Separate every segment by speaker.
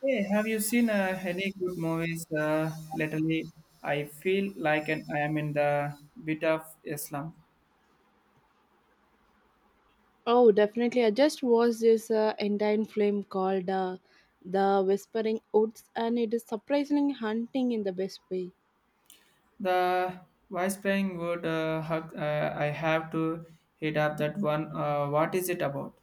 Speaker 1: Hey, have you seen any good movies lately? I feel like an, I am in the bit of Islam.
Speaker 2: Oh, definitely. I just watched this Indian film called The Whispering Woods, and it is surprisingly hunting in the best way.
Speaker 1: The vice playing would hug, I have to hit up that one. What is it about?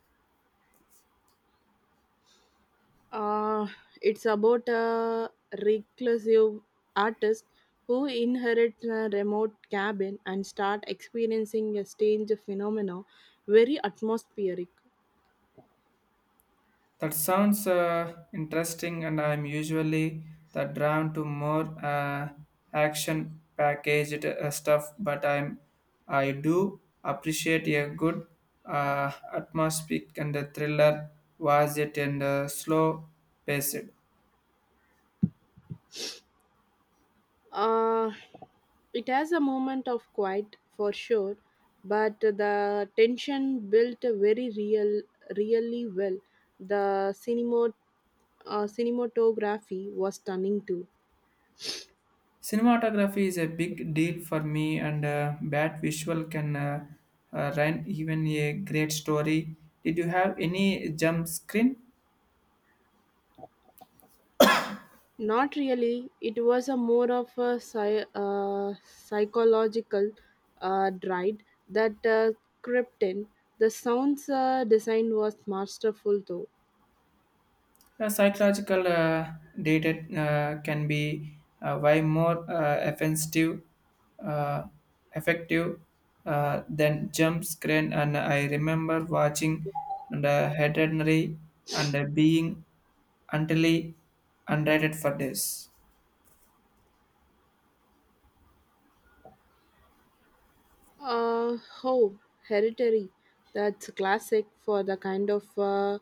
Speaker 2: Uh, it's about a reclusive artist who inherits a remote cabin and start experiencing a strange phenomena, very atmospheric.
Speaker 1: That sounds interesting, and I'm usually the drawn to more action packaged stuff. But I'm I do appreciate a good atmospheric and a thriller. Was it and slow paced?
Speaker 2: Uh, it has a moment of quiet for sure, but the tension built very real, really well. The cinematography was stunning too.
Speaker 1: Cinematography is a big deal for me, and bad visual can ruin even a great story. Did you have any jump screen?
Speaker 2: Not really. It was a more of a psychological ride that crept in. The sounds design was masterful though.
Speaker 1: Psychological data can be way more offensive, uh, effective than jump screen. And I remember watching and hereditary and being utterly unrated for this.
Speaker 2: Uh, oh, Hereditary. That's classic for the kind of uh,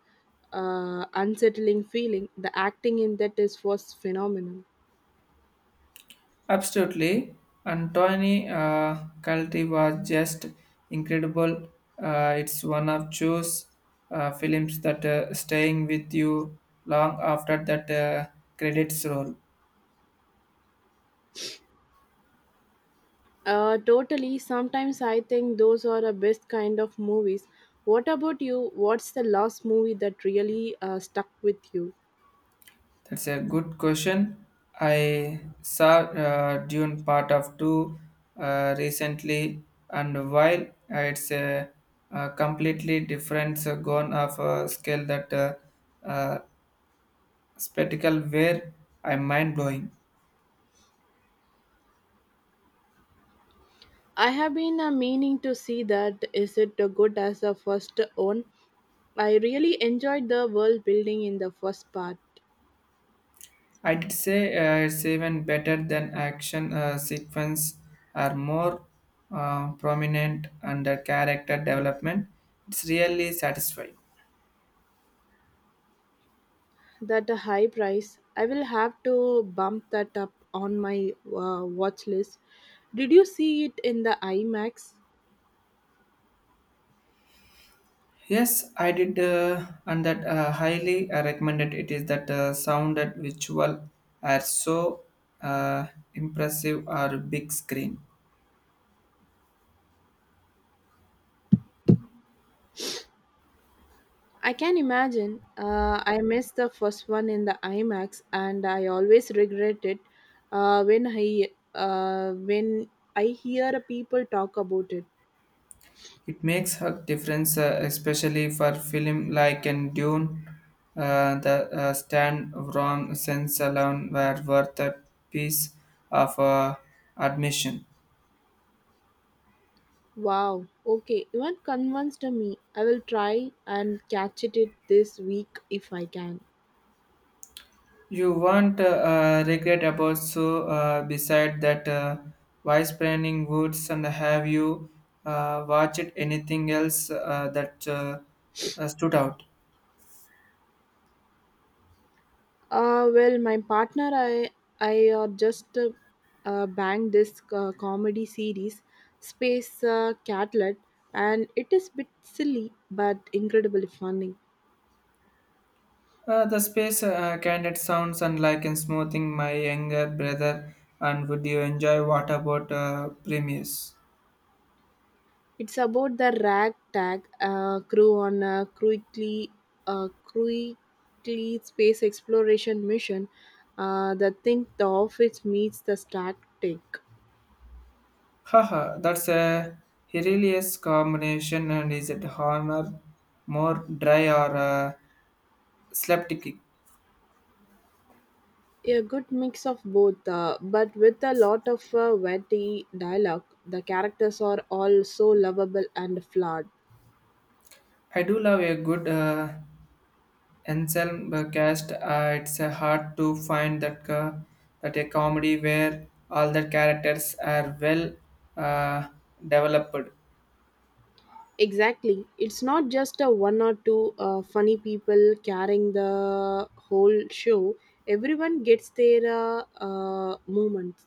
Speaker 2: uh, unsettling feeling. The acting in that is was phenomenal.
Speaker 1: Absolutely. Antony Calti was just incredible. It's one of those films that staying with you long after that credits roll.
Speaker 2: Totally. Sometimes I think those are the best kind of movies. What about you? What's the last movie that really stuck with you?
Speaker 1: That's a good question. I saw Dune Part of Two recently, and while uh, it's a, a completely different gone of scale that uh, spectacle where I'm mind blowing.
Speaker 2: I have been meaning to see that. Is it good as the first one? I really enjoyed the world building in the first part.
Speaker 1: I'd say it's even better than action sequence are more prominent under character development. It's really satisfying.
Speaker 2: That a high price. I will have to bump that up on my watch list. Did you see it in the IMAX?
Speaker 1: Yes, I did, and that highly recommended. It is that sound and visual are so uh, impressive or big screen.
Speaker 2: I can imagine. I missed the first one in the IMAX, and I always regret it uh, when I when I hear people talk about it.
Speaker 1: It makes a difference, especially for film like in Dune. The stand wrong sense alone were worth a piece of admission.
Speaker 2: Wow. Okay, you have convinced me. I will try and catch it this week if I can.
Speaker 1: You won't regret about so. Beside that, wise planning woods and have you watched anything else that stood out?
Speaker 2: Well, my partner, I just banged this comedy series, Space Catlet, and it is bit silly but incredibly funny.
Speaker 1: The space candid sounds unlike in smoothing my younger brother. And would you enjoy what about Primus?
Speaker 2: It's about the ragtag crew on a quickly space exploration mission the think the office meets the Star Trek.
Speaker 1: Haha, that's a hilarious combination. And is it honor more dry or slapsticky?
Speaker 2: A good mix of both, but with a lot of witty dialogue. The characters are all so lovable and flawed.
Speaker 1: I do love a good Anselm cast. It's hard to find that a comedy where all the characters are well uh, developed.
Speaker 2: Exactly. It's not just a one or two funny people carrying the whole show. Everyone gets their moments.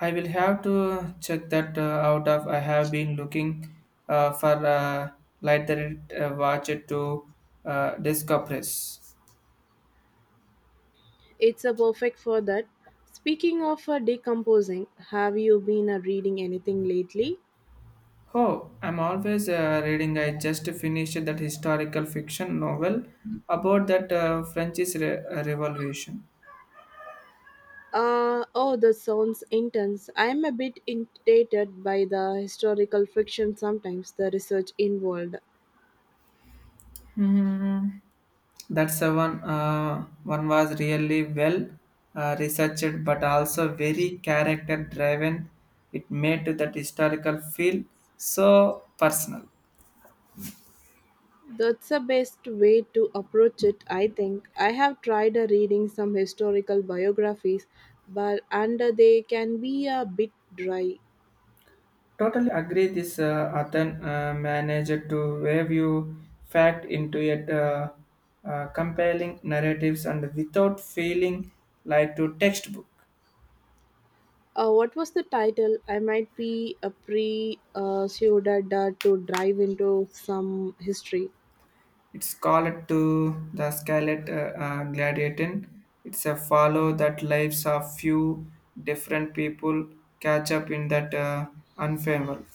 Speaker 1: I will have to check that out. Of I have been looking for lighter watch to discompress.
Speaker 2: It's a perfect for that. Speaking of decomposing, have you been reading anything lately?
Speaker 1: Oh, I'm always reading. I just finished that historical fiction novel about that Revolution.
Speaker 2: Oh, that sounds intense. I'm a bit intimidated by the historical fiction sometimes, the research involved.
Speaker 1: Hmm. That's the one. One was really well researched, but also very character driven. It made to that historical feel so personal.
Speaker 2: That's the best way to approach it, I think. I have tried reading some historical biographies, but and they can be a bit dry.
Speaker 1: Totally agree. This Athan managed to wave you fact into it, compelling narratives and without feeling like to textbook.
Speaker 2: What was the title? I might be a to dive into some history.
Speaker 1: It's called to the Scarlet Gladiator. It's a follow that lives of few different people catch up in that unfavorable.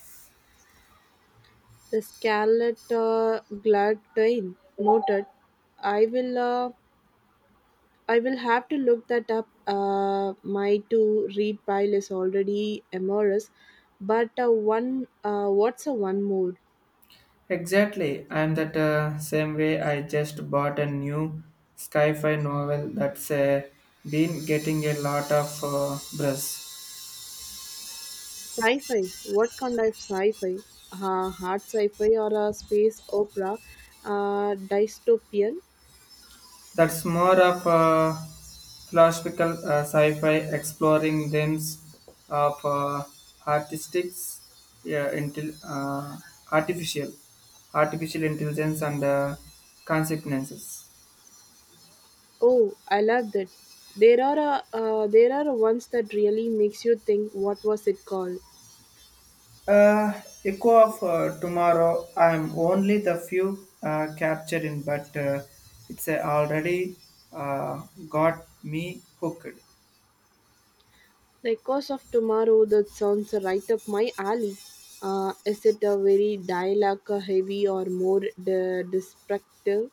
Speaker 2: The Scarlet Glad Train. Noted. I will. I will have to look that up. My to read pile is already amorous, but one what's a one mood?
Speaker 1: Exactly. I'm that same way. I just bought a new sci-fi novel that's been getting a lot of buzz.
Speaker 2: Sci-fi. What kind of sci-fi? Hard sci-fi or a space opera? Dystopian.
Speaker 1: That's more of a philosophical sci-fi exploring themes of artistics, yeah, artificial, artificial intelligence and consequences.
Speaker 2: Oh, I love that. There are ones that really makes you think. What was it called?
Speaker 1: Uh, Echo of Tomorrow. I'm only the few captured in, but it's already uh, got me hooked.
Speaker 2: The Echoes of Tomorrow, that sounds right up my alley. Is it a very dialogue heavy or more descriptive?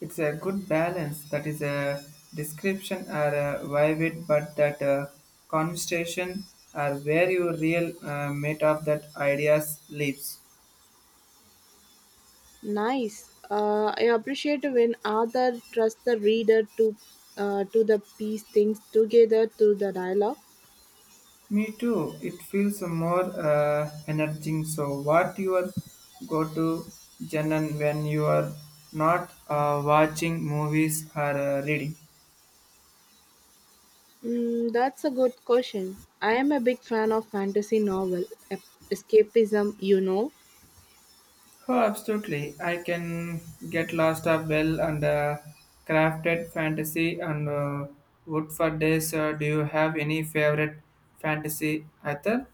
Speaker 1: It's a good balance. That is a description are vivid, but that conversation are where your real mate of that ideas lives.
Speaker 2: Nice. I appreciate when author trusts the reader to the piece things together to the dialogue.
Speaker 1: Me too. It feels more energizing. So, what your go-to genre when you are not watching movies or reading?
Speaker 2: Mm, that's a good question. I am a big fan of fantasy novel, ep- escapism, you know.
Speaker 1: Oh, absolutely. I can get lost of well and crafted fantasy and wood for days. Do you have any favorite fantasy author?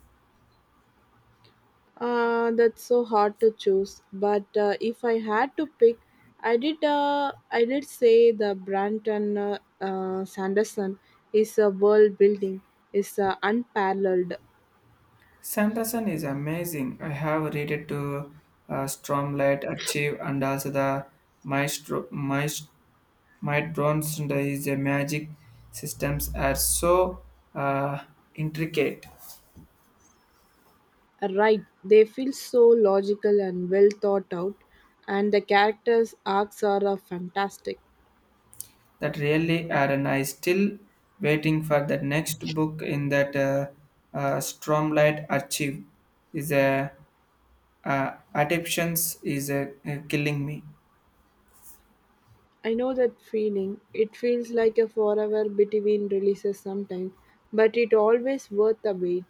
Speaker 2: That's so hard to choose. But if I had to pick, I did. I did say the Branton Sanderson is a world building is unparalleled.
Speaker 1: Sanderson is amazing. I have read it to Stormlight Achieve and also the Maestro Might Bronze and his magic systems are so uh, intricate
Speaker 2: Right? They feel so logical and well thought out, and the characters' arcs are fantastic.
Speaker 1: that really are and I still waiting for the next book in that Stormlight Archive is a adaptations is killing me.
Speaker 2: I know that feeling. It feels like a forever between releases sometimes, but it always worth the wait.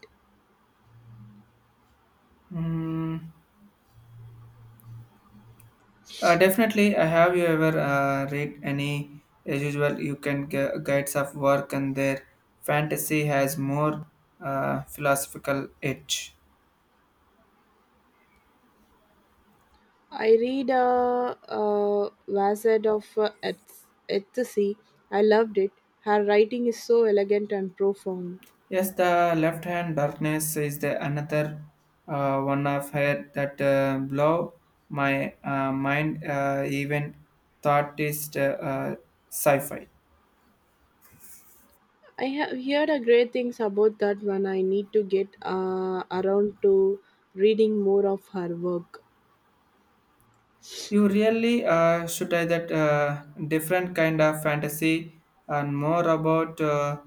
Speaker 1: Hmm. Definitely. Have you ever read any, as usual, you can guides of work and their fantasy has more philosophical edge.
Speaker 2: I read a Wizard of Ecstasy. I loved it. Her writing is so elegant and profound.
Speaker 1: Yes, the left hand darkness is the another one of her that blow my mind. Even thought is sci-fi.
Speaker 2: I have heard a great things about that one. I need to get around to reading more of her work.
Speaker 1: You really should I that different kind of fantasy and more about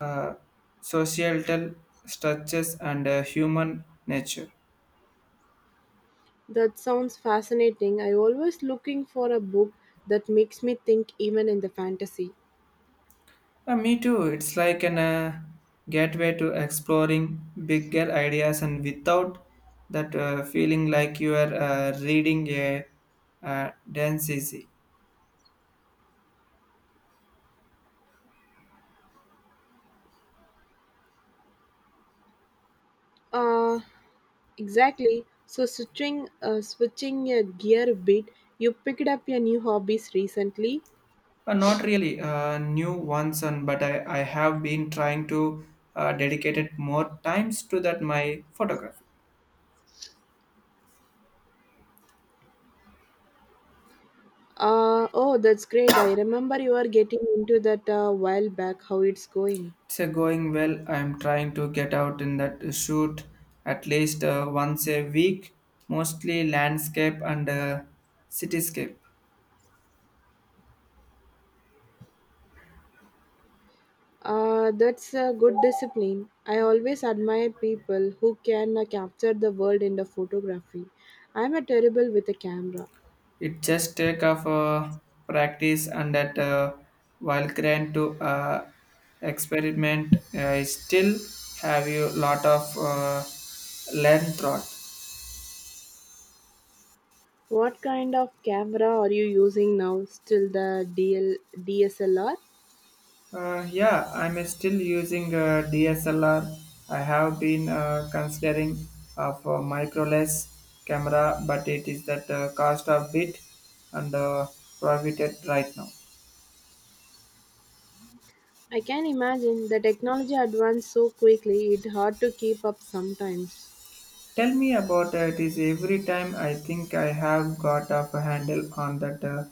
Speaker 1: uh, societal structures and human nature.
Speaker 2: That sounds fascinating. I always looking for a book that makes me think even in the fantasy.
Speaker 1: Me too. It's like an gateway to exploring bigger ideas and without that feeling like you are reading a dense essay.
Speaker 2: Uh, exactly. So switching a gear a bit, you picked up your new hobbies recently.
Speaker 1: Not really new one son, but I have been trying to dedicate it more times to that my photography.
Speaker 2: Oh, that's great. I remember you are getting into that a while back, how it's going.
Speaker 1: It's going well. I'm trying to get out in that shoot at least once a week, mostly landscape and cityscape.
Speaker 2: That's a good discipline. I always admire people who can capture the world in the photography. I'm a terrible with a camera.
Speaker 1: It just take off practice and that while grand to experiment, I still have you lot of learn throughout.
Speaker 2: What kind of camera are you using now? Still the D S L R?
Speaker 1: Yeah, I'm still using DSLR. I have been considering of a microless camera, but it is that cost a bit and prohibited right now.
Speaker 2: I can imagine the technology advanced so quickly, it's hard to keep up sometimes.
Speaker 1: Tell me about it. Is every time I think I have got a handle on that.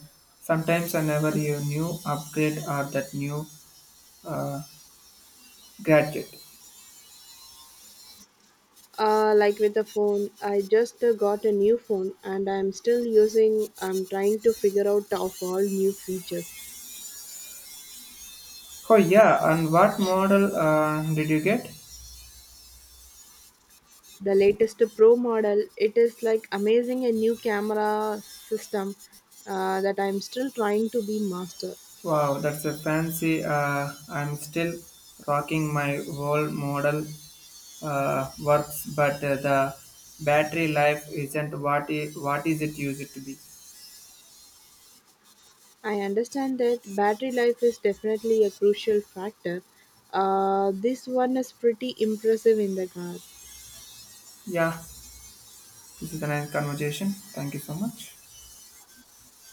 Speaker 1: Sometimes I never you new upgrade or that new uh, gadget.
Speaker 2: Like with the phone, I just got a new phone and I'm still using, I'm trying to figure out of all new features.
Speaker 1: Oh yeah, and what model did you get?
Speaker 2: The latest Pro model, it is like amazing a new camera system that I'm still trying to be master.
Speaker 1: Wow, that's a fancy. I'm still rocking my old model works, but the battery life isn't what is it used to be.
Speaker 2: I understand that battery life is definitely a crucial factor. This one is pretty impressive in the car.
Speaker 1: Yeah, this is a nice conversation. Thank you so much.